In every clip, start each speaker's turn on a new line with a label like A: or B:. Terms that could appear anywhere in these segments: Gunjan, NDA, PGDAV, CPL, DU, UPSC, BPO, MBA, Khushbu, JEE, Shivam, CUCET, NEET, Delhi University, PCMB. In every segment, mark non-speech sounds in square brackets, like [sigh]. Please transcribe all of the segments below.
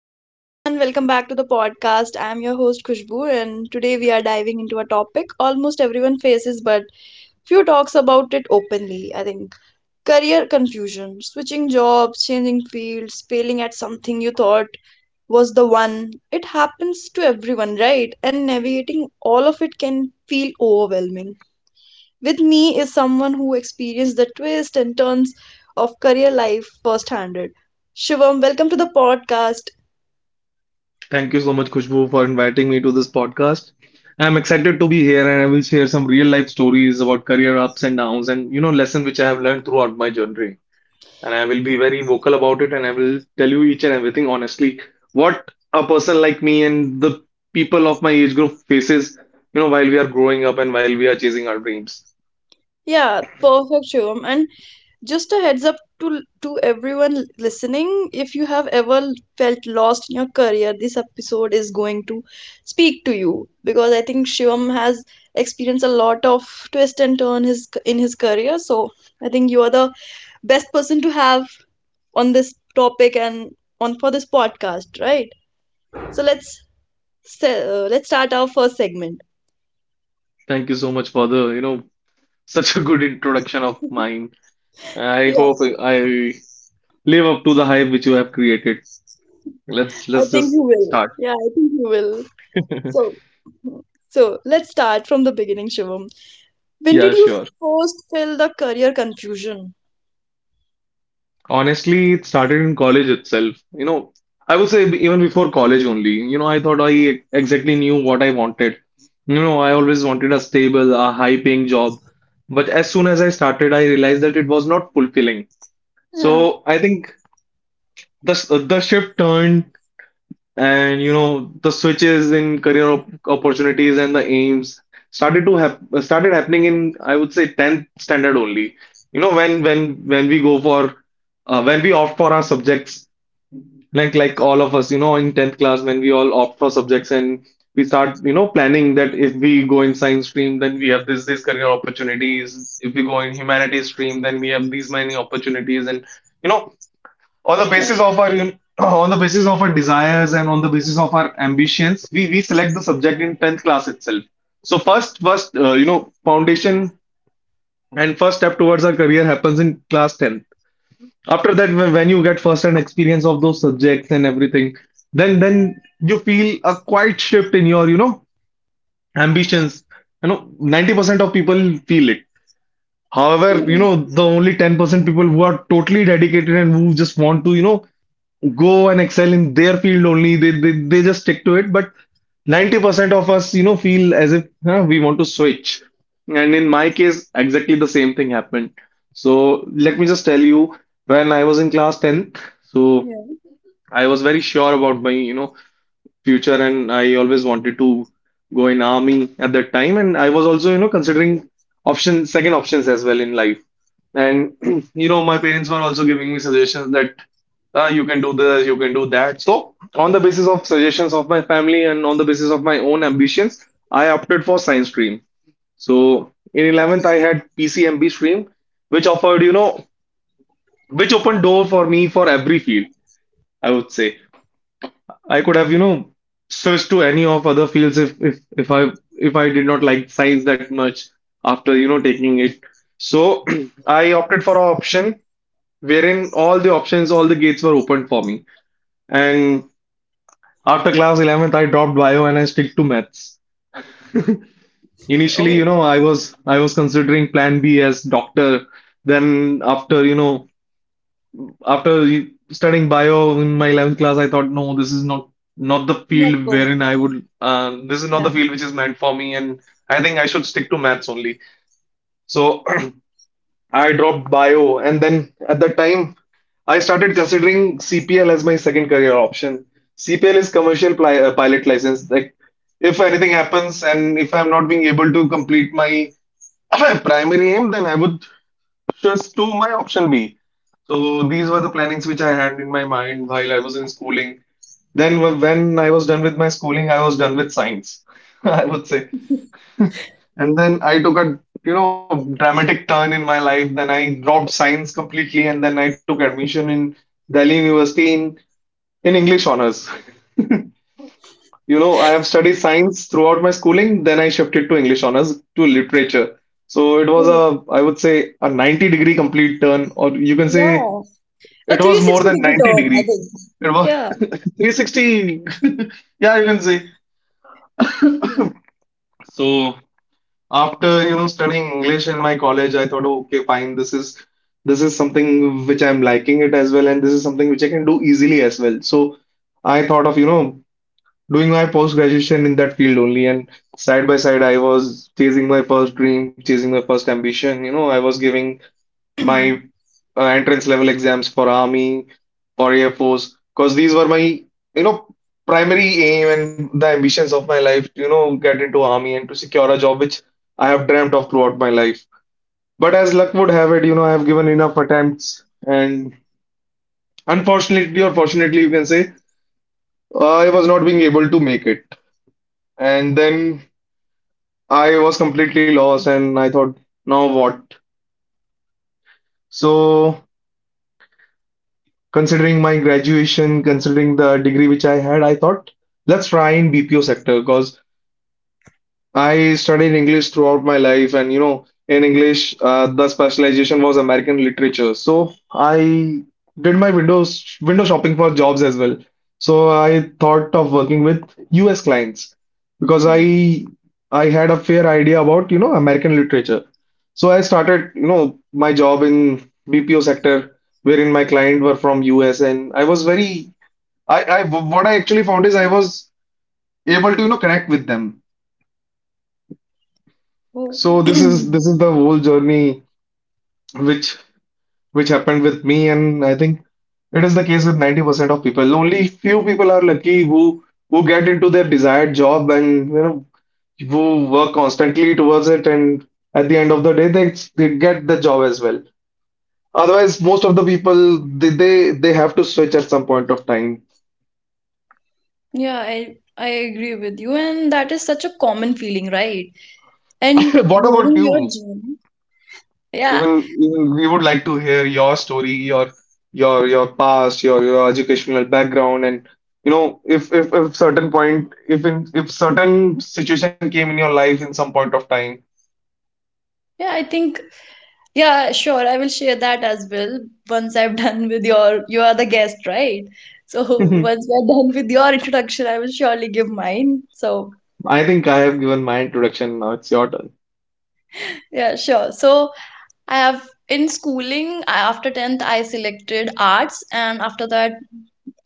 A: Hello everyone, welcome back to the podcast. I am your host Khushbu and today we are diving into a topic almost everyone faces but few talks about it openly, I think. Career confusion, switching jobs, changing fields, failing at something you thought was the one. It happens to everyone, right? And navigating all of it can feel overwhelming. With me is someone who experienced the twists and turns of career life firsthand. Shivam, welcome to the podcast.
B: Thank you so much, Khushbu, for inviting me to this podcast. I'm excited to be here, and I will share some real life stories about career ups and downs and lesson which I have learned throughout my journey. And I will be very vocal about it, and I will tell you each and everything honestly what a person like me and the people of my age group faces, while we are growing up and while we are chasing our dreams.
A: Yeah, perfect, Shivam. And just a heads up to everyone listening, if you have ever felt lost in your career, this episode is going to speak to you because I think Shivam has experienced a lot of twist and turn his in his career. So I think you are the best person to have on this topic and on for this podcast, right? So let's let's start our first segment.
B: Thank you so much for the, such a good introduction of mine. I
A: Yeah,
B: hope I live up to the hype which you have created. Let's
A: I
B: let's
A: think
B: just
A: you will.
B: start.
A: Yeah, I think you will.
B: [laughs]
A: So So let's start from the beginning, Shivam. When
B: Yeah,
A: did you
B: sure.
A: first feel the career confusion?
B: Honestly, it started in college itself. You know, I would say even before college only. You know, I thought I exactly knew what I wanted. You know, I always wanted a stable, a high-paying job. But as soon as I started, I realized that it was not fulfilling.
A: Yeah,
B: So I think the the shift turned, and you know the switches in career op opportunities and the aims started to hap started happening in, I would say, 10th standard only. You know, when we go for when we opt for our subjects, like all of us, you know, in 10th class, when we all opt for subjects and we start, you know, planning that if we go in science stream, then we have this career opportunities, if we go in humanities stream, then we have these many opportunities. And you know, on the
A: yeah,
B: basis of our [clears throat] on the basis of our desires and on the basis of our ambitions, we select the subject in 10th class itself. So first, you know, foundation and first step towards our career happens in class tenth. After that, when you get first hand experience of those subjects and everything, then you feel a quite shift in your, you know, ambitions. You know, 90% of people feel it. However, you
A: mm,
B: know, the only 10% people who are totally dedicated and who just want to, you know, go and excel in their field only, they just stick to it. But 90% of us, you know, feel as if, huh, we want to switch. And in my case, exactly the same thing happened. So let me just tell you, when I was in class 10, so
A: yeah.
B: I was very sure about my, you know, future, and I always wanted to go in army at that time, and I was also, you know, considering option second options as well in life. And [clears throat] you know, my parents were also giving me suggestions that, ah, you can do this, you can do that. So on the basis of suggestions of my family and on the basis of my own ambitions, I opted for science stream. So in 11th I had PCMB stream, which offered, you know, which opened door for me for every field, I would say. I could have, you know, switched to any of other fields if if I, if I did not like science that much after, you know, taking it. So [clears throat] I opted for an option wherein all the options, all the gates were opened for me. And after class 11th, I dropped bio and I stick to maths. Initially, you
A: Oh,
B: know, I was considering plan B as doctor. Then after, you know, after studying bio in my 11th class, I thought, no, this is not the
A: not
B: field
A: full.
B: wherein I would. This is not the
A: Yeah,
B: field which is meant for me, and I think I should stick to maths only. So [clears throat] I dropped bio, and then at that time, I started considering CPL as my second career option. CPL is pilot license. Like, if anything happens and if I'm not being able to complete my [clears throat] primary aim, then I would just do my option B. So these were the plannings which I had in my mind while I was in schooling. Then when I was done with my schooling, I was done with science, [laughs] I would say. And then I took a, you know, dramatic turn in my life. Then I dropped science completely, and then I took admission in Delhi University in English honors. [laughs] You know, I have studied science throughout my schooling, then I shifted to English honors to literature. So it was
A: mm,
B: a, I would say, a 90-degree complete turn, or you can say
A: yeah. A
B: it was more
A: 360
B: than
A: degree
B: 90
A: turn, I
B: degree.
A: think.
B: It was
A: Yeah,
B: [laughs] 360. [laughs] Yeah, you can say. So after, you know, studying English in my college, I thought, "Oh, okay, fine, this is something which I'm liking it as well, and this is something which I can do easily as well." So I thought of, you know, doing my post graduation in that field only, and side by side, I was chasing my first dream, chasing my first ambition. You know, I was giving
A: yeah.
B: my
A: [clears throat]
B: entrance level exams for army or air force, because these were my, you know, primary aim and the ambitions of my life, to, you know, get into army and to secure a job which I have dreamt of throughout my life. But as luck would have it, you know, I have given enough attempts and, unfortunately or fortunately you can say, I was not being able to make it. And then I was completely lost, and I thought, now what? So, considering my graduation, considering the degree which I had, I thought, let's try in BPO sector, because I studied English throughout my life, and you know, in English, the specialization was American literature. So I did my window shopping for jobs as well. So I thought of working with US clients, because
A: Yeah.
B: I had a fair idea about, you know, American literature. So I started, you know, my job in BPO sector, wherein my client were from US, and I was very, I what I actually found is I was able to, you know, connect with them.
A: Oh.
B: So this
A: [clears throat]
B: is this is the whole journey which which happened with me, and I think it is the case with 90% of people. Only few people are lucky who get into their desired job, and you know, who work constantly towards it, and at the end of the day they get the job as well. Otherwise, most of the people, they have to switch at some point of time.
A: Yeah, I agree with you, and that is such a common feeling, right? And
B: [coughs] What about
A: hearing your
B: you?
A: journey. Yeah,
B: Even, even we would like to hear your story, your, your past, your educational background, and you know, if if certain point, if in if certain situation came in your life in some point of time.
A: yeah, I think yeah, sure. I will share that as well once I'm [laughs] done with your, you are the guest, right? So [laughs]
B: [laughs]
A: once we're done with your introduction, I will surely give mine. So
B: I think I have given my introduction. Now it's your turn.
A: yeah, sure. So I have in schooling, I, after 10th, I selected arts, and after that,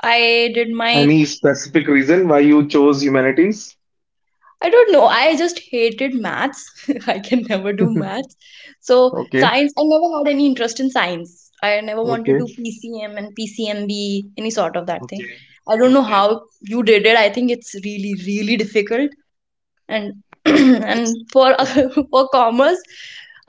A: I did my
B: Any specific reason why you chose humanities?
A: I don't know. I just hated maths. [laughs] I can never do
B: [laughs]
A: maths. So
B: Okay.
A: science, I never had any interest in science. I never wanted
B: Okay.
A: to do PCM and PCMB, any sort of that thing.
B: Okay.
A: I don't know
B: Okay.
A: how you did it. I think it's really, really difficult and [clears throat] and for [laughs] for commerce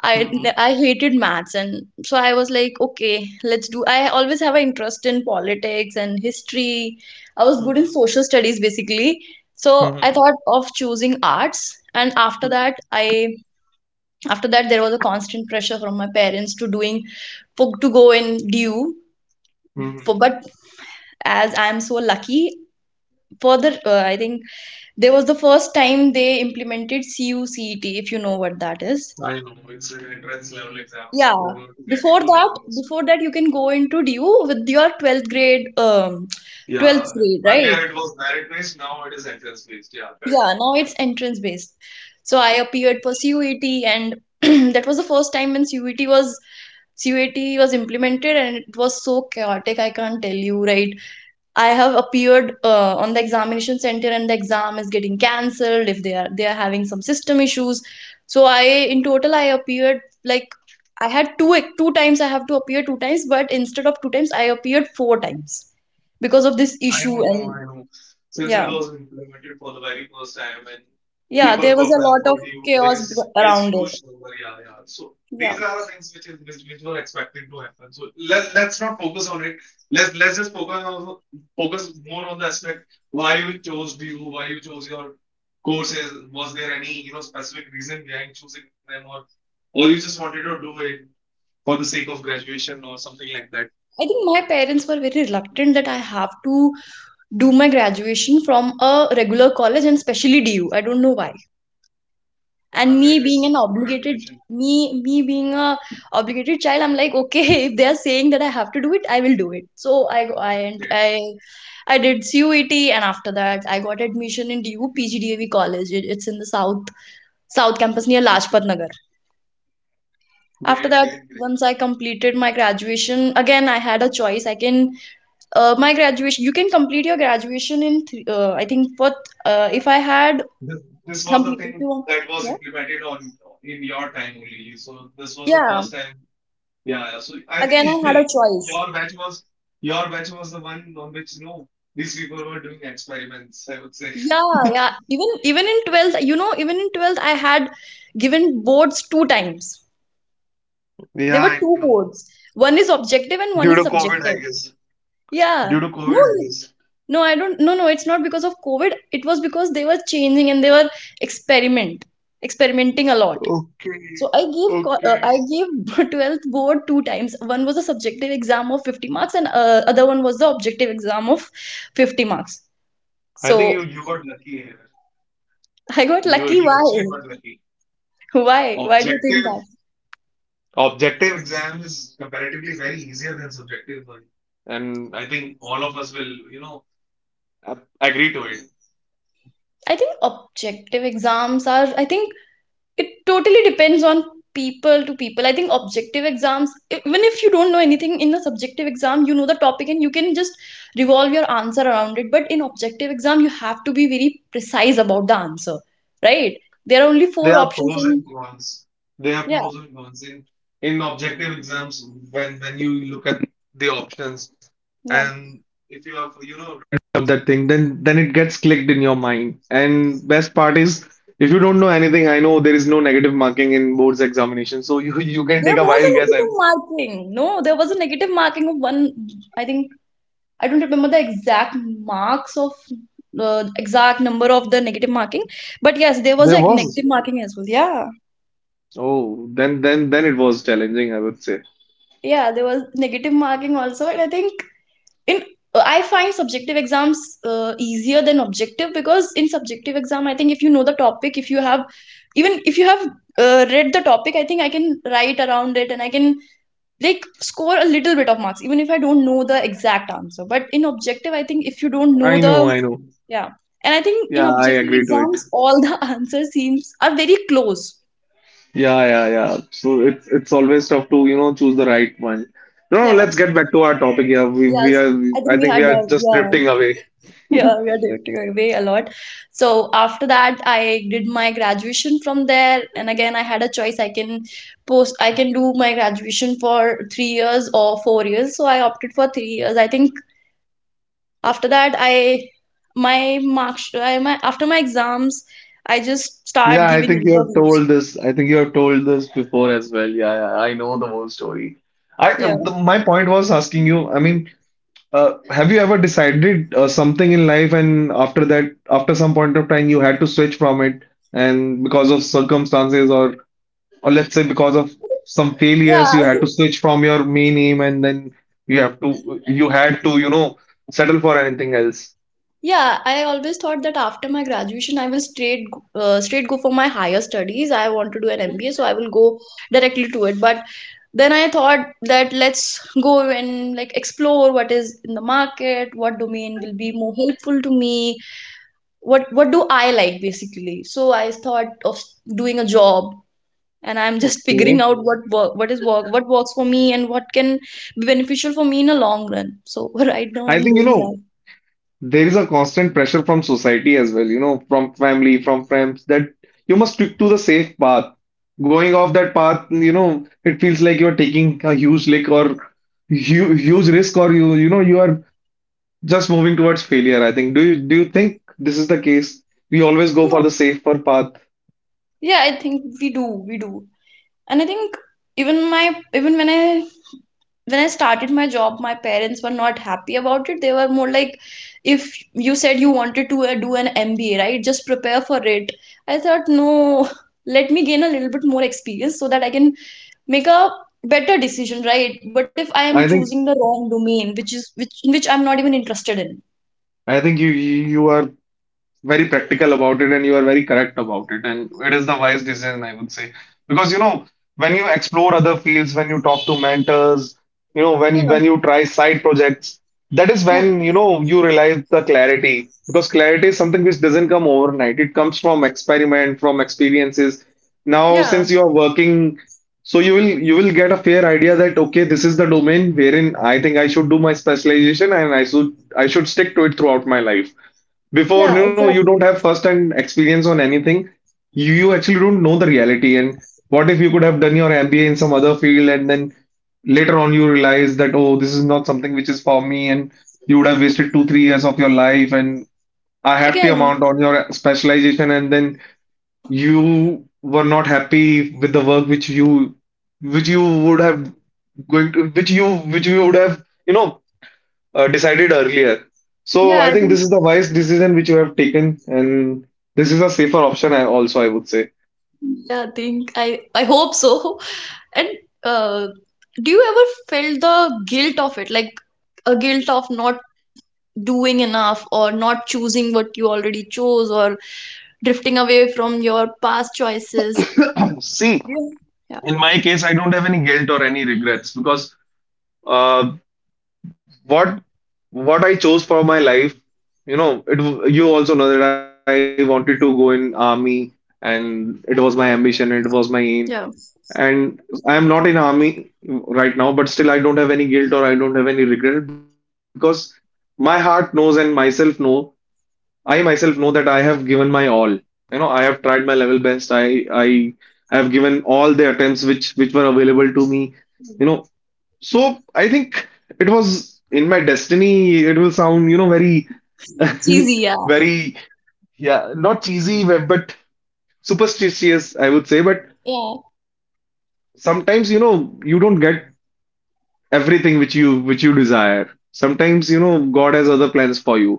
A: I
B: Mm-hmm.
A: I hated maths and so I was like okay let's do I always have an interest in politics and history. I was good in
B: Mm-hmm.
A: social studies basically, so I
B: Mm-hmm.
A: thought of choosing arts and after that I after that there was a constant pressure from my parents to doing for, to go in DU for
B: Mm-hmm.
A: but as I am so lucky for the I think there was the first time they implemented CUCET, if you know what that is.
B: I know it's an entrance level exam
A: Yeah.
B: to get into the university.
A: Before that you can go into DU with your 12th grade, 12th
B: Yeah,
A: grade, right?
B: earlier it was merit based, now it is entrance based. Yeah, correct.
A: Yeah, now it's entrance based. So I appeared for CUET and [clears throat] that was the first time when CUET was implemented and it was so chaotic, I can't tell you, right? I have appeared on the examination center and the exam is getting cancelled if they are having some system issues. So I in total I appeared like I had two two times I have to appear 2 times, but instead of 2 times I appeared 4 times because of this
B: I
A: issue
B: know,
A: and
B: I know. Since it
A: yeah,
B: was implemented for the very first time, and
A: yeah
B: people
A: there
B: who
A: was a
B: apply
A: lot
B: for
A: of
B: DU,
A: chaos
B: there's
A: around
B: huge
A: it.
B: number. Yeah, yeah. So
A: Yeah,
B: these are the things which is, which were expected to happen. So let's not focus on it. Let's just focus on, focus more on the aspect why you chose DU, why you chose your courses. Was there any, you know, specific reason behind choosing them, or you just wanted to do it? For the sake of graduation or something like that.
A: I think my parents were very reluctant that I have to do my graduation from a regular college and specially DU. I don't know why. And
B: Wow,
A: me
B: it
A: being
B: has
A: an
B: good
A: obligated
B: reputation.
A: me being a obligated child I'm like okay [laughs] if they are saying that I have to do it I will do it so
B: Great.
A: I did CUET and after that I got admission in DU PGDAV college. It- it's in the south south campus near
B: Okay.
A: Lajpat Nagar.
B: Great,
A: After that
B: great, great.
A: once I completed my graduation again I had a choice I can my graduation you can complete your graduation in I think for if I had
B: This, this was the
A: completed if
B: thing
A: you want-
B: that was
A: yeah
B: implemented on, in your time only. So this was the
A: yeah
B: first time. Yeah. Yeah. So I think
A: again I had a
B: [laughs]
A: choice.
B: your batch was, your batch was the one on which, you know, these people were doing experiments, I would say.
A: Yeah, yeah. Even in 12th, you know, even in 12th, I had given boards 2 times.
B: Yeah,
A: There
B: I
A: were two
B: know.
A: boards. One is objective
B: Due
A: and
B: to
A: one is
B: COVID, I
A: subjective.
B: guess. Due to
A: Yeah.
B: COVID, I
A: No,
B: guess.
A: n- no, I don't. No, no, it's not because of COVID. It was because they were changing and they were experiment, experimenting a lot.
B: Okay.
A: So
B: Okay.
A: I gave [laughs] 12th board 2 times. One was a subjective exam of 50 marks and other one was the objective exam of 50 marks.
B: I think you,
A: So
B: you got lucky here.
A: I got
B: You
A: lucky.
B: actually
A: Why?
B: got lucky.
A: [laughs] Why? Why do you think
B: Objective,
A: that?
B: objective exam is comparatively very easier than subjective one. And I think all of us will, you know, agree to it.
A: I think objective exams are, I think it totally depends on people to people. I think objective exams, even if you don't know anything in the subjective exam, you know the topic and you can just revolve your answer around it. But in objective exam, you have to be very precise about the answer, right? There are only
B: There
A: four
B: are
A: options
B: pros
A: and
B: and cons. There are
A: yeah,
B: pros and cons in objective exams, when you look at the options,
A: yeah.
B: and if you have, you know, read up that thing, then it gets clicked in your mind. And best part is, if you don't know anything, I know there is no negative marking in boards examination, so you can
A: There
B: take a
A: was a
B: wild guess. I-
A: negative marking. No, there was a negative marking of one, I think. I don't remember the exact marks of exact number of the negative marking, but yes, there was
B: there
A: like negative
B: was.
A: marking as well. Yeah,
B: Oh, then, then it was challenging, I would say.
A: yeah, there was negative marking also, and I think in I find subjective exams easier than objective because in subjective exam, I think if you know the topic, if you have even if you have read the topic, I think I can write around it and I can like score a little bit of marks even if I don't know the exact answer but in objective I think if you don't know
B: I
A: the
B: know, I know.
A: yeah. And I think in
B: Yeah, I
A: objective
B: agree to it.
A: exams, all the [laughs] answers seems are very close.
B: Yeah, yeah, yeah. So it's always tough to, choose the right one. No,
A: Yeah.
B: let's get back to our topic here.
A: Yes.
B: We are
A: I think
B: I
A: we
B: think
A: had,
B: we are just
A: yeah.
B: drifting away.
A: Yeah, we had it away a lot. So after that, I did my graduation from there. And again, I had a choice. I can I can do my graduation for 3 years or 4 years. So I opted for 3 years. I think after that, I, my marks, I, my, after my exams, I just
B: Yeah,
A: start
B: I think
A: giving
B: you have told
A: interviews.
B: this. I think you have told this before as well. Yeah, yeah, I know the whole story.
A: Yeah.
B: My point was asking you, I mean, have you ever decided something in life and after that, after some point of time, you had to switch from it, and because of circumstances, or let's say because of some
A: Yeah,
B: failures,
A: I
B: you had
A: think
B: to switch from your main aim, and then you had to settle for anything else.
A: yeah, I always thought that after my graduation, I will straight go for my higher studies. I want to do an MBA, so I will go directly to it. But then I thought that let's go and like explore what is in the market, what domain will be more helpful to me, what do I like basically. So I thought of doing a job, and I'm just [laughs] figuring
B: Okay.
A: out what is work, what works for me, and what can be beneficial for me in a long run. So [laughs] right now
B: I
A: I'm
B: think,
A: doing that.
B: there is a constant pressure from society as well, from family, from friends, that you must stick to the safe path. Going off that path, it feels like you're taking a huge lick, or hu huge risk, or you are just moving towards failure, I think. Do you think this is the case? We always go
A: Yeah.
B: for the safer path.
A: Yeah, I think we do. And I think even my even when I when I started my job my parents were not happy about it. They were more like if you said you wanted to do an MBA right just prepare for it. I thought no, [laughs] let me gain a little bit more experience so that I can make a better decision right but if I am
B: I
A: choosing
B: think
A: the wrong domain which in which I'm not even interested in
B: I think you are very practical about it, and you are very correct about it, and it is the wise decision, I would say. Because when you explore other fields, when you talk to mentors, when
A: yeah
B: you try side projects, that is
A: yeah
B: when you realize the clarity, because clarity is something which doesn't come overnight. It comes from experiment, from experiences. Now
A: yeah
B: since you are working, so you will get a fair idea that okay, this is the domain wherein I think I should do my specialization, and I should stick to it throughout my life. Before,
A: yeah
B: you don't
A: exactly
B: have first hand experience on anything. You actually don't know the reality. And what if you could have done your MBA in some other field, and then later on you realize that, oh, this is not something which is for me, and you would have wasted 2-3 years of your life, and a hefty
A: again
B: amount on your specialization, and then you were not happy with the work which you would have which you would have decided earlier. So
A: yeah
B: I
A: I
B: think
A: think
B: this is the wise decision which you have taken, and this is a safer option, I also I would say.
A: yeah I think I hope so. [laughs] And uh, do you ever felt the guilt of it, like a guilt of not doing enough or not choosing what you already chose or drifting away from your past choices? Do
B: See,
A: you- yeah,
B: in my case, I don't have any guilt or any regrets, because uh, what what I chose for my life, you also know that I wanted to go in army, and it was my ambition, it was my
A: yeah,
B: aim, and I am not in army right now, but still I don't have any guilt, or I don't have any regret, because my heart knows, and myself know I myself know that I have given my all. I have tried my level best. I have given all the attempts which were available to me. You know, so I think it was in my destiny. It will sound, very [laughs]
A: cheesy, yeah.
B: very. Yeah, not cheesy, but superstitious, I would say. But
A: Yeah.
B: sometimes, you don't get everything which you desire. Sometimes, God has other plans for you.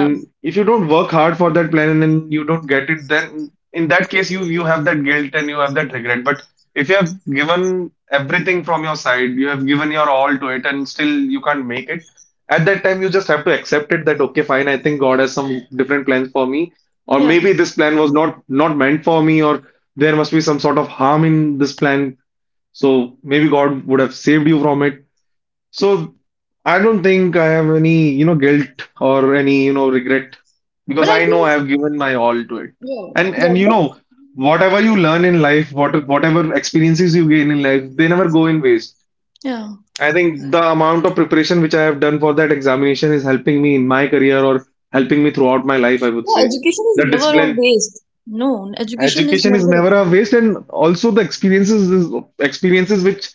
A: Yeah,
B: if you don't work hard for that plan and then you don't get it, then in that case you have that guilt and you have that regret. But if you have given everything from your side, you have given your all to it, and still you can't make it, at that time you just have to accept it that okay, fine, I think God has some different plans for me. Or
A: yeah,
B: maybe this plan was not meant for me, or there must be some sort of harm in this plan. So maybe God would have saved you from it. So I don't think I have any, guilt, or any, regret,
A: but
B: because
A: I
B: I know
A: think,
B: I have given my all to it.
A: yeah,
B: And
A: yeah,
B: and
A: but
B: whatever you learn in life, whatever experiences you gain in life, they never go in waste.
A: yeah.
B: I think the amount of preparation which I have done for that examination is helping me in my career, or helping me throughout my life, I would
A: Yeah,
B: say.
A: education is
B: The
A: never a
B: discipline
A: waste. No, education is
B: Education is
A: never a
B: never a
A: waste.
B: waste, and also the experiences which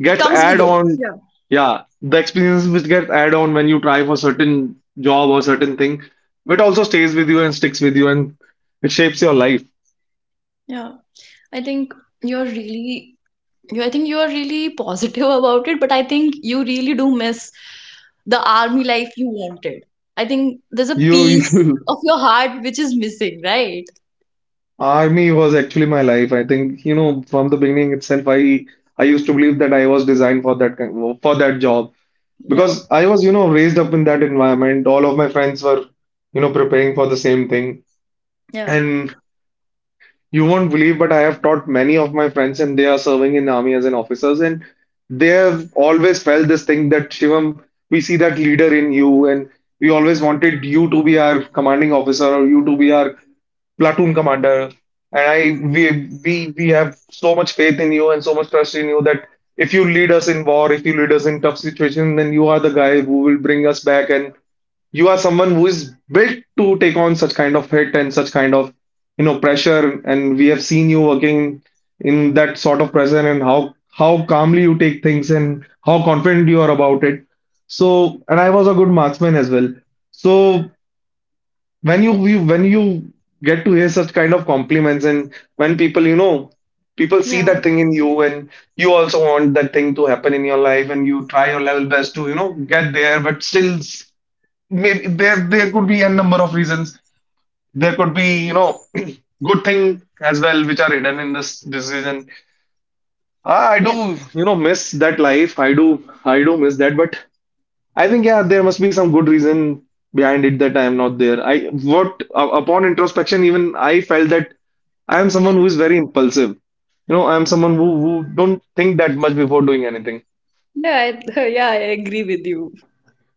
B: gets
A: Comes with
B: add
A: it.
B: on.
A: Yeah.
B: Yeah, the experiences which get add on when you try for certain job or certain thing, but also stays with you and sticks with you, and it shapes your life.
A: Yeah, I think you're really you I think you are really positive [laughs] about it but I think you really do miss the army life you wanted. I think there's a
B: You
A: piece
B: [laughs]
A: of your heart which is missing right.
B: Army was actually my life. I think from the beginning itself, I used to believe that I was designed for that job,
A: Yeah,
B: because I was raised up in that environment. All of my friends were preparing for the same thing.
A: yeah,
B: And you won't believe, but I have taught many of my friends, and they are serving in army as an officers, and they have always felt this thing that Shivam, we see that leader in you, and we always wanted you to be our commanding officer, or you to be our platoon commander. And we have so much faith in you and so much trust in you that if you lead us in war, if you lead us in tough situations, then you are the guy who will bring us back, and you are someone who is built to take on such kind of hit and such kind of pressure. And we have seen you working in that sort of pressure, and how calmly you take things, and how confident you are about it. So, and I was a good marksman as well. So when you get to hear such kind of compliments, and when people, people see
A: yeah
B: that thing in you, and you also want that thing to happen in your life, and you try your level best to get there, but still maybe there could be a number of reasons. There could be, [clears throat] good thing as well which are hidden in this decision. Ah, I
A: yeah
B: do, miss that life. I do miss that. But I think, yeah, there must be some good reason behind it that I am not there. Upon introspection, even I felt that I am someone who is very impulsive. I am someone who don't think that much before doing anything.
A: yeah. I, [laughs] yeah, I agree with you. [laughs]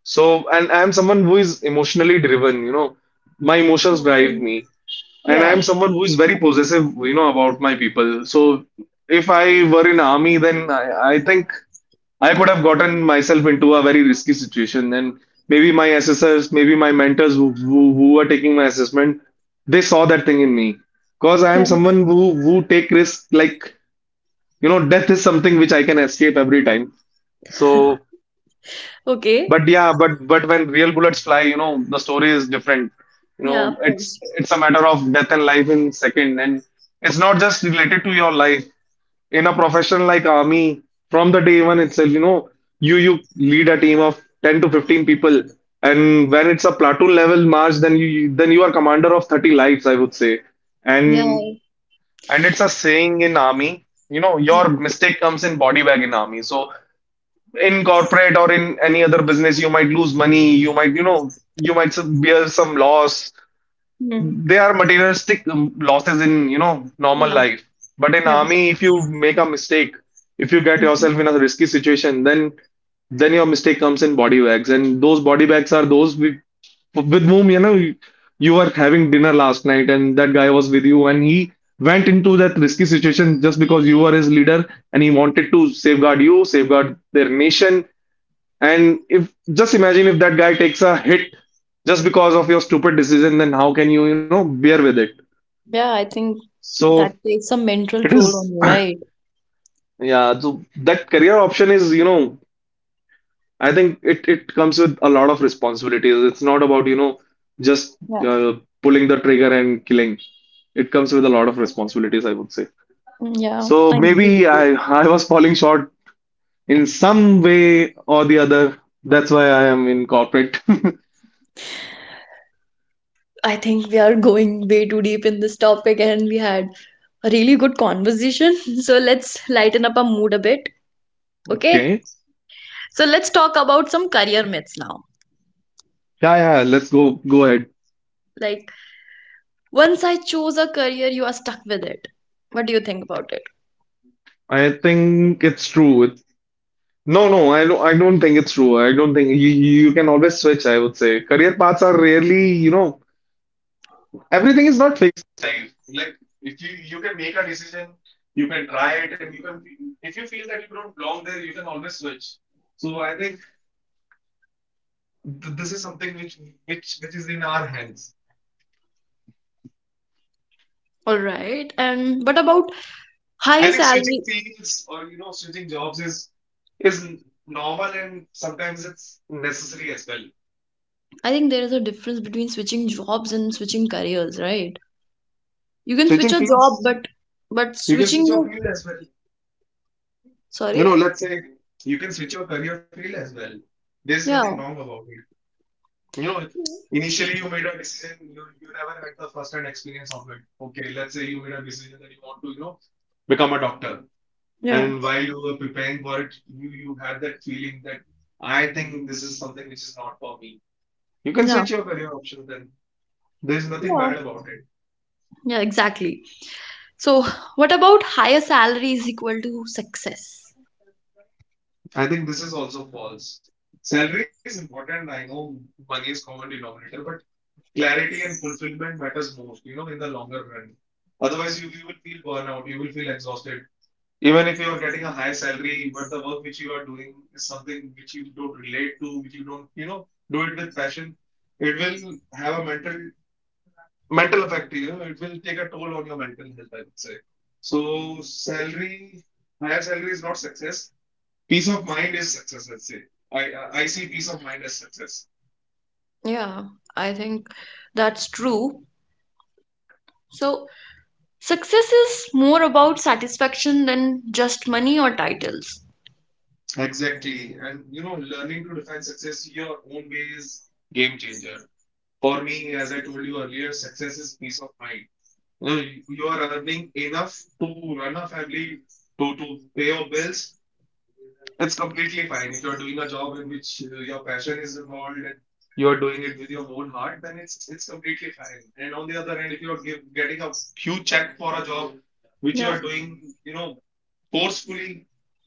B: So, and I am someone who is emotionally driven. My
A: Yeah,
B: emotions
A: I
B: drive
A: think-
B: me. And I'm
A: yeah,
B: someone who is very possessive, about my people. So if I were in army, then I think I could have gotten myself into a very risky situation. And maybe my assessors, maybe my mentors who were taking my assessment, they saw that thing in me. Because I
A: yeah.
B: am someone who take risk, like, death is something which I can escape every time. So, but
A: Okay
B: yeah, but when real bullets fly, the story is different.
A: yeah of
B: It's
A: course
B: it's a matter of death and life in second, and it's not just related to your life. In a profession like army, from the day one itself, you lead a team of 10 to 15 people, and when it's a platoon level march, then you are commander of 30 lives, I would say. And
A: yeah.
B: and it's a saying in army, your
A: Mm.
B: mistake comes in body bag in army. So in corporate or in any other business, you might lose money, you might bear some loss.
A: Mm.
B: They are materialistic losses in, normal
A: Yeah.
B: life. But in
A: Yeah.
B: army, if you make a mistake, if you get
A: Mhm.
B: yourself in a risky situation, then your mistake comes in body bags. And those body bags are those with whom, you were having dinner last night, and that guy was with you, and he went into that risky situation just because you were his leader, and he wanted to safeguard you, safeguard their nation. And if just imagine if that guy takes a hit just because of your stupid decision, then how can you, bear with it?
A: Yeah, I think
B: So
A: that takes some mental
B: it
A: toll
B: is,
A: on you right.
B: yeah, so that career option is, I think it comes with a lot of responsibilities. It's not about, just
A: Yeah,
B: uh, pulling the trigger and killing. It comes with a lot of responsibilities, I would say.
A: mm, yeah,
B: So
A: I agree
B: maybe
A: with you.
B: I was falling short in some way or the other. That's why I am in corporate. [laughs]
A: I think we are going way too deep in this topic and we had a really good conversation. [laughs] So let's lighten up our mood a bit. Okay.
B: Okay.
A: So let's talk about some career myths now.
B: Yeah, yeah, let's go ahead.
A: Like, once I chose a career, you are stuck with it. What do you think about it?
B: I think it's true. It's, no, no, I don't. I don't think it's true. I don't think you can always switch. I would say career paths are rarely, everything is not fixed. Like, if you can make a decision, you can try it, and you can if you feel that you don't belong there, you can always switch. So I think this is something which which is in our hands.
A: All right. And what about
B: I
A: higher
B: think switching
A: salary?
B: fields or you know switching jobs is normal, and sometimes it's necessary as well.
A: I think there is a difference between switching jobs and switching careers, right? You can switch
B: Switching
A: a job,
B: fields.
A: but but
B: You can switch your
A: switching,
B: field as well. You
A: sorry.
B: know, let's say you can switch your career field as well. There's nothing wrong
A: Yeah.
B: about it. You know,
A: Yeah.
B: initially you made a decision, you never had the first hand experience of it. Okay, let's say you made a decision that you want to, you know, become a doctor.
A: Yeah.
B: And while you were preparing for it, you had that feeling that I think this is something which is not for me. You can switch your career option then. There's nothing
A: Yeah.
B: bad about it.
A: Yeah, exactly. So, what about higher salary is equal to success?
B: I think this is also false. Salary is important. I know money is common denominator, but clarity and fulfillment matters most, you know, in the longer run. Otherwise, you will feel burnout, you will feel exhausted. Even if you are getting a high salary, but the work which you are doing is something which you don't relate to, which you don't, you know, do it with passion, it will have a mental effect, you know, it will take a toll on your mental health, I would say. So salary, higher salary is not success. Peace of mind is success, let's say. I see peace of mind as success.
A: Yeah, I think that's true. So, success is more about satisfaction than just money or titles.
B: Exactly. And you know, learning to define success your own way is game changer. For me, as I told you earlier, success is peace of mind. You know, you are earning enough to run a family, to pay your bills. It's completely fine. If you're doing a job in which your passion is involved and you're doing it with your own heart, then it's completely fine. And on the other hand, if you're getting a huge check for a job which you
A: Yeah.
B: are doing, you know, forcefully,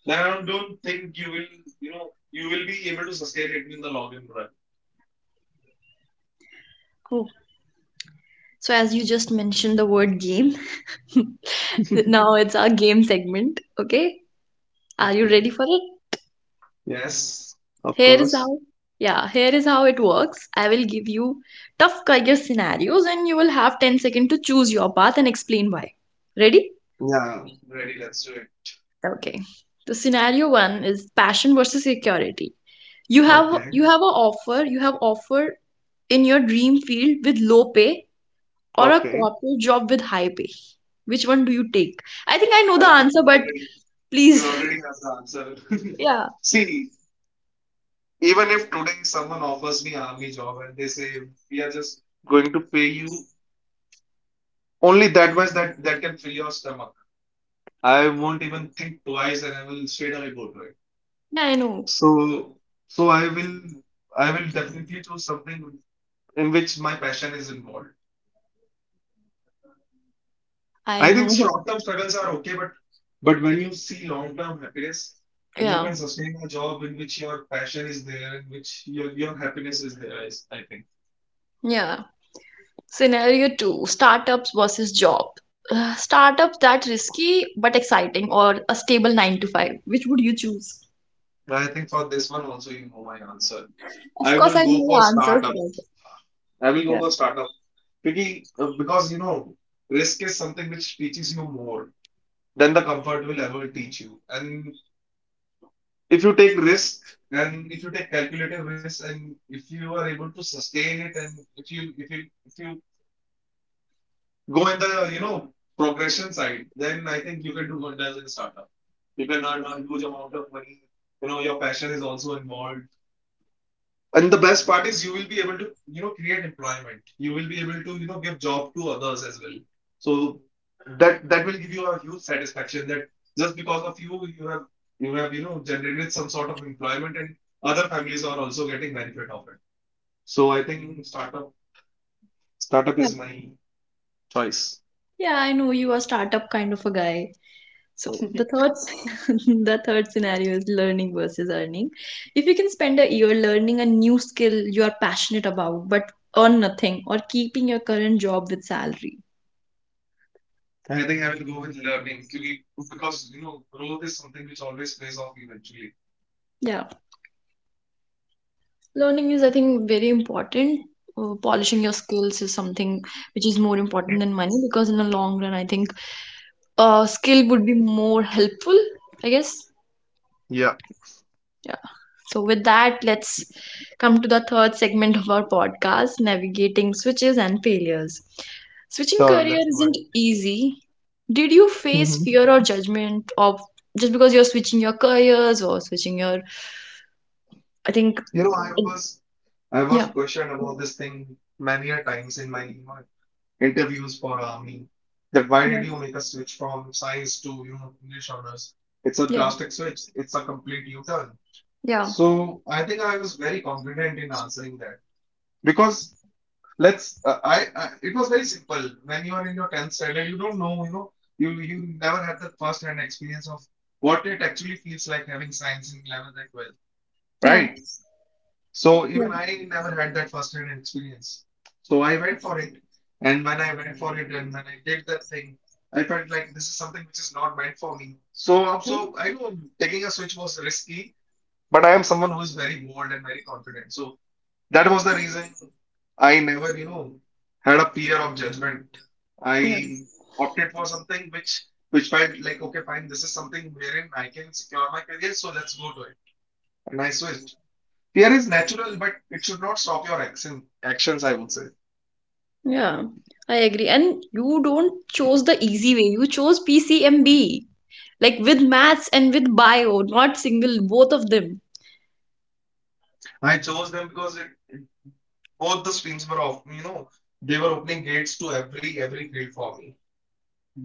B: then I don't think you will, you know, you will be able to sustain it in the long run.
A: Oh, so as you just mentioned the word game, [laughs] now it's our game segment. Okay, are you ready
B: Okay.
A: for it?
B: Yes, of
A: Here is
B: course.
A: how. Yeah, here is how it works. I will give you tough career scenarios and you will have 10 seconds to choose your path and explain why. Ready?
B: Yeah. Ready, let's do it.
A: Okay. The scenario one is passion versus security.
B: Okay.
A: You have offer in your dream field with low pay or a
B: Okay.
A: corporate job with high pay. Which one do you take? I think I know the
B: I think
A: answer, but
B: you
A: please.
B: already
A: [laughs]
B: have the answer.
A: Yeah.
B: [laughs] See, even if today someone offers me army job and they say we are just going to pay you only that much that that can fill your stomach, I won't even think twice, and I will straight away go to it.
A: Yeah, I know.
B: So, so I will definitely choose something in which my passion is involved.
A: I
B: I think
A: know. [laughs]
B: short-term struggles are okay, but when you see long-term happiness, you
A: Yeah.
B: can sustain a job in which your passion is there, in which your happiness is there. Is- I think.
A: Yeah. Scenario two, startups versus job. Startups that risky but exciting or a stable 9 to 5. Which would you choose?
B: I think for this one also, you know my answer.
A: Of
B: I
A: course,
B: will
A: I know
B: go for
A: the answers,
B: startup.
A: but
B: I will go
A: yeah.
B: for startup because you know risk is something which teaches you more than the comfort will ever teach you, and if you take risk and if you take calculated risk and if you are able to sustain it and if you if you go in the you know progression side, then I think you can do wonders in startup. You can earn a huge amount of money. You know, your passion is also involved. And the best part is you will be able to, you know, create employment. You will be able to, you know, give job to others as well. So that will give you a huge satisfaction that just because of you, you have you have, you know, generated some sort of employment, and other families are also getting benefit of it. So I think startup
A: Yeah.
B: is my choice.
A: Yeah, I know you are startup kind of a guy. So the third [laughs] the third scenario is learning versus earning. If you can spend a year learning a new skill you are passionate about but earn nothing or keeping your current job with salary.
B: And I think I will go with learning क्योंकि- because you know growth is something which always pays off eventually.
A: Yeah, learning is I think very important. Polishing your skills is something which is more important than money because in the long run I think a skill would be more helpful, I guess.
B: Yeah,
A: Yeah. So, with that, let's come to the third segment of our podcast navigating switches and failures. Switching
B: sure.
A: career
B: Let's go
A: isn't easy. Did you face
B: ahead.
A: fear or judgment of just because you're switching your careers or switching your, I think,
B: You know,
A: it-
B: I was
A: yeah,
B: questioned about this thing many a times in my, you know, interviews for army. That why did
A: yeah,
B: you make a switch from science to, you know, English honors? It's a
A: yeah,
B: drastic switch. It's a complete U-turn.
A: yeah,
B: So I think I was very confident in answering that because let's I it was very simple. When you are in your 10th standard, you don't know, you know, you never had the first-hand experience of what it actually feels like having science in 11th and 12th. Right. So
A: yeah,
B: even I never had that first-hand experience. So I went for it, and when I went for it, and when I did that thing, I felt like this is something which is not meant for me. So
A: yeah,
B: also, I know taking a switch was risky, but I am someone who is very bold and very confident. So that was the reason I never, you know, had a fear of judgment.
A: yeah,
B: I opted for something which felt like okay, fine, this is something wherein I can secure my career, so let's go to it. And I switched. Fear is natural, but it should not stop your actions, I would say.
A: yeah. I agree. And you don't chose the easy way, you chose PCMB, like with maths and with bio, not single, both of them.
B: I chose them because it, both the streams were off, you know, they were opening gates to every field for me.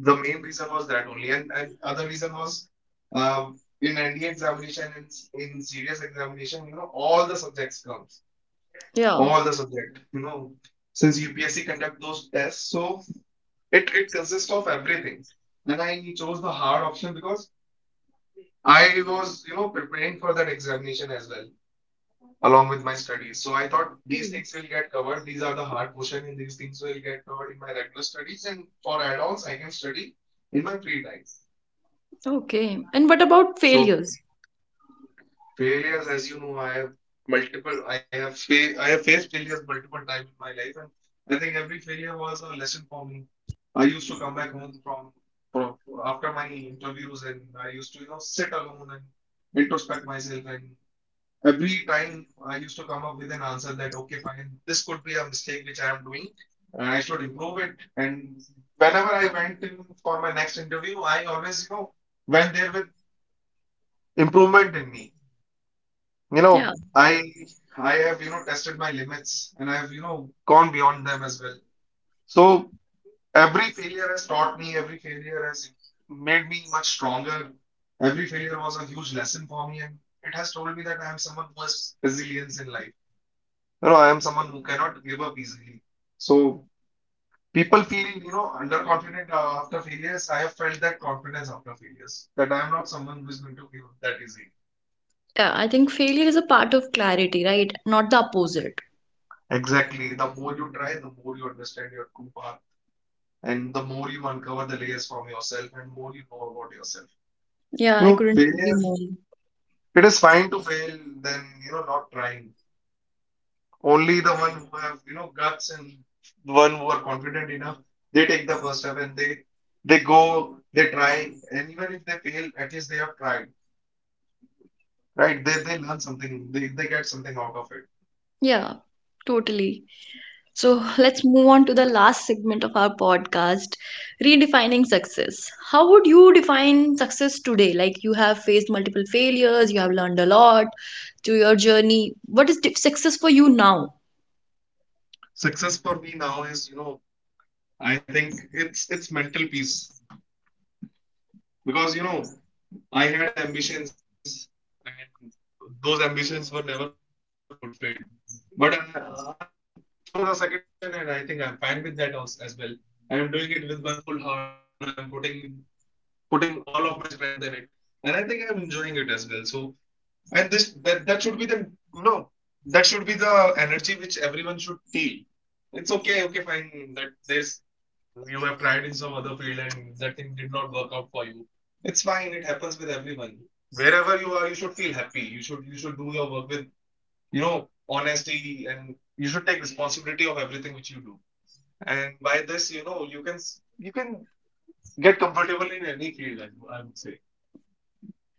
B: The main reason was that only, and other reason was in NDA examination, in serious examination, you know, all the subjects comes,
A: Yeah.
B: all the subject, you know, since UPSC conduct those tests, so it consists of everything. And I chose the hard option because I was, you know, preparing for that examination as well, along with my studies. So I thought these things will get covered. These are the hard portion, and these things will get covered in my regular studies. And for adults, I can study in my free time.
A: Okay. And what about
B: So
A: failures?
B: failures, as you know, I have multiple. I have faced failures multiple times in my life, and I think every failure was a lesson for me. I used to come back home from after my interviews, and I used to you know sit alone and introspect myself and every time I used to come up with an answer that, okay, fine, this could be a mistake which I am doing. I should improve it. And whenever I went in for my next interview, I always, you know, went there with improvement in me. You
A: Yeah.
B: know, I have, you know, tested my limits, and I have, you know, gone beyond them as well. So every failure has taught me, every failure has made me much stronger. Every failure was a huge lesson for me, and it has told me that I am someone who has resilience in life. You know, I am someone who cannot give up easily. So people feel, you know, underconfident after failures. I have felt that confidence after failures, that I am not someone who is going to give up that easy.
A: Yeah. I think failure is a part of clarity, right? Not the opposite.
B: Exactly. The more you try, the more you understand your true path, and the more you uncover the layers from yourself, and more you know about yourself.
A: Yeah.
B: You
A: I
B: know,
A: couldn't agree
B: failure,
A: more.
B: it is fine to fail than, you know, not trying. Only the one who have, you know, guts and the one who are confident enough, they take the first step, and they go, they try, and even if they fail, at least they have tried, right? They learn something, they get something out of it.
A: Yeah. Totally. So let's move on to the last segment of our podcast redefining success. How would you define success today? Like you have faced multiple failures, you have learned a lot through your journey. What is success for you now?
B: Success for me now is, you know, I think it's mental peace because you know I had ambitions and those ambitions were never fulfilled. But I chose a second option, and I think I'm fine with that as well. I am doing it with my full heart. You know, I'm putting putting all of my strength in it, and I think I'm enjoying it as well. So, and this that that should be the no, that should be the energy which everyone should feel. It's okay, okay, fine. That there's you have tried in some other field, and that thing did not work out for you. It's fine. It happens with everyone. Wherever you are, you should feel happy. You should do your work with you know honesty, and you should take responsibility of everything which you do. And by this, you know, you can get comfortable in any field, I would say.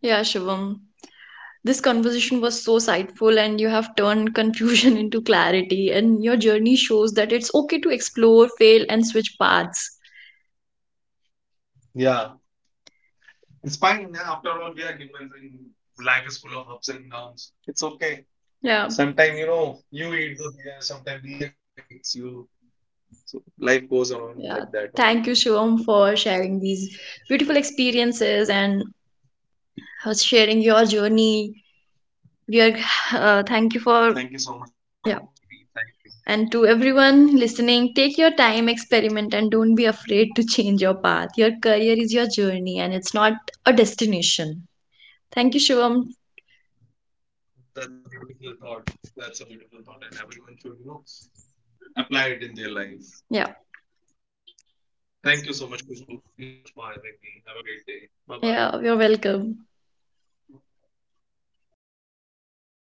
A: Yeah, Shivam. This conversation was so insightful, and you have turned confusion [laughs] into clarity. And your journey shows that it's okay to explore, fail, and switch paths.
B: Yeah, it's fine. After all, we are humans, and life is full of ups and downs. It's okay. Sometimes, you know,
A: Yeah,
B: you eat the beer, sometimes beer eats you. So life goes on like that only.
A: yeah. Thank you, Shivam, for sharing these beautiful experiences and sharing your journey. We are
B: Thank you so much for
A: thank you
B: having me.
A: for
B: Thank you.
A: yeah. And to everyone listening, take your time, experiment, and don't be afraid to change your path. Your career is your journey, and it's not a destination. Thank you,
B: That's
A: Shivam.
B: a beautiful thought. That's a beautiful thought, and everyone should, you know, apply it in their life.
A: Yeah,
B: Thank you so much, Kushbu. Thank you so much for having me. Have a great day. Bye bye.
A: yeah. You're welcome.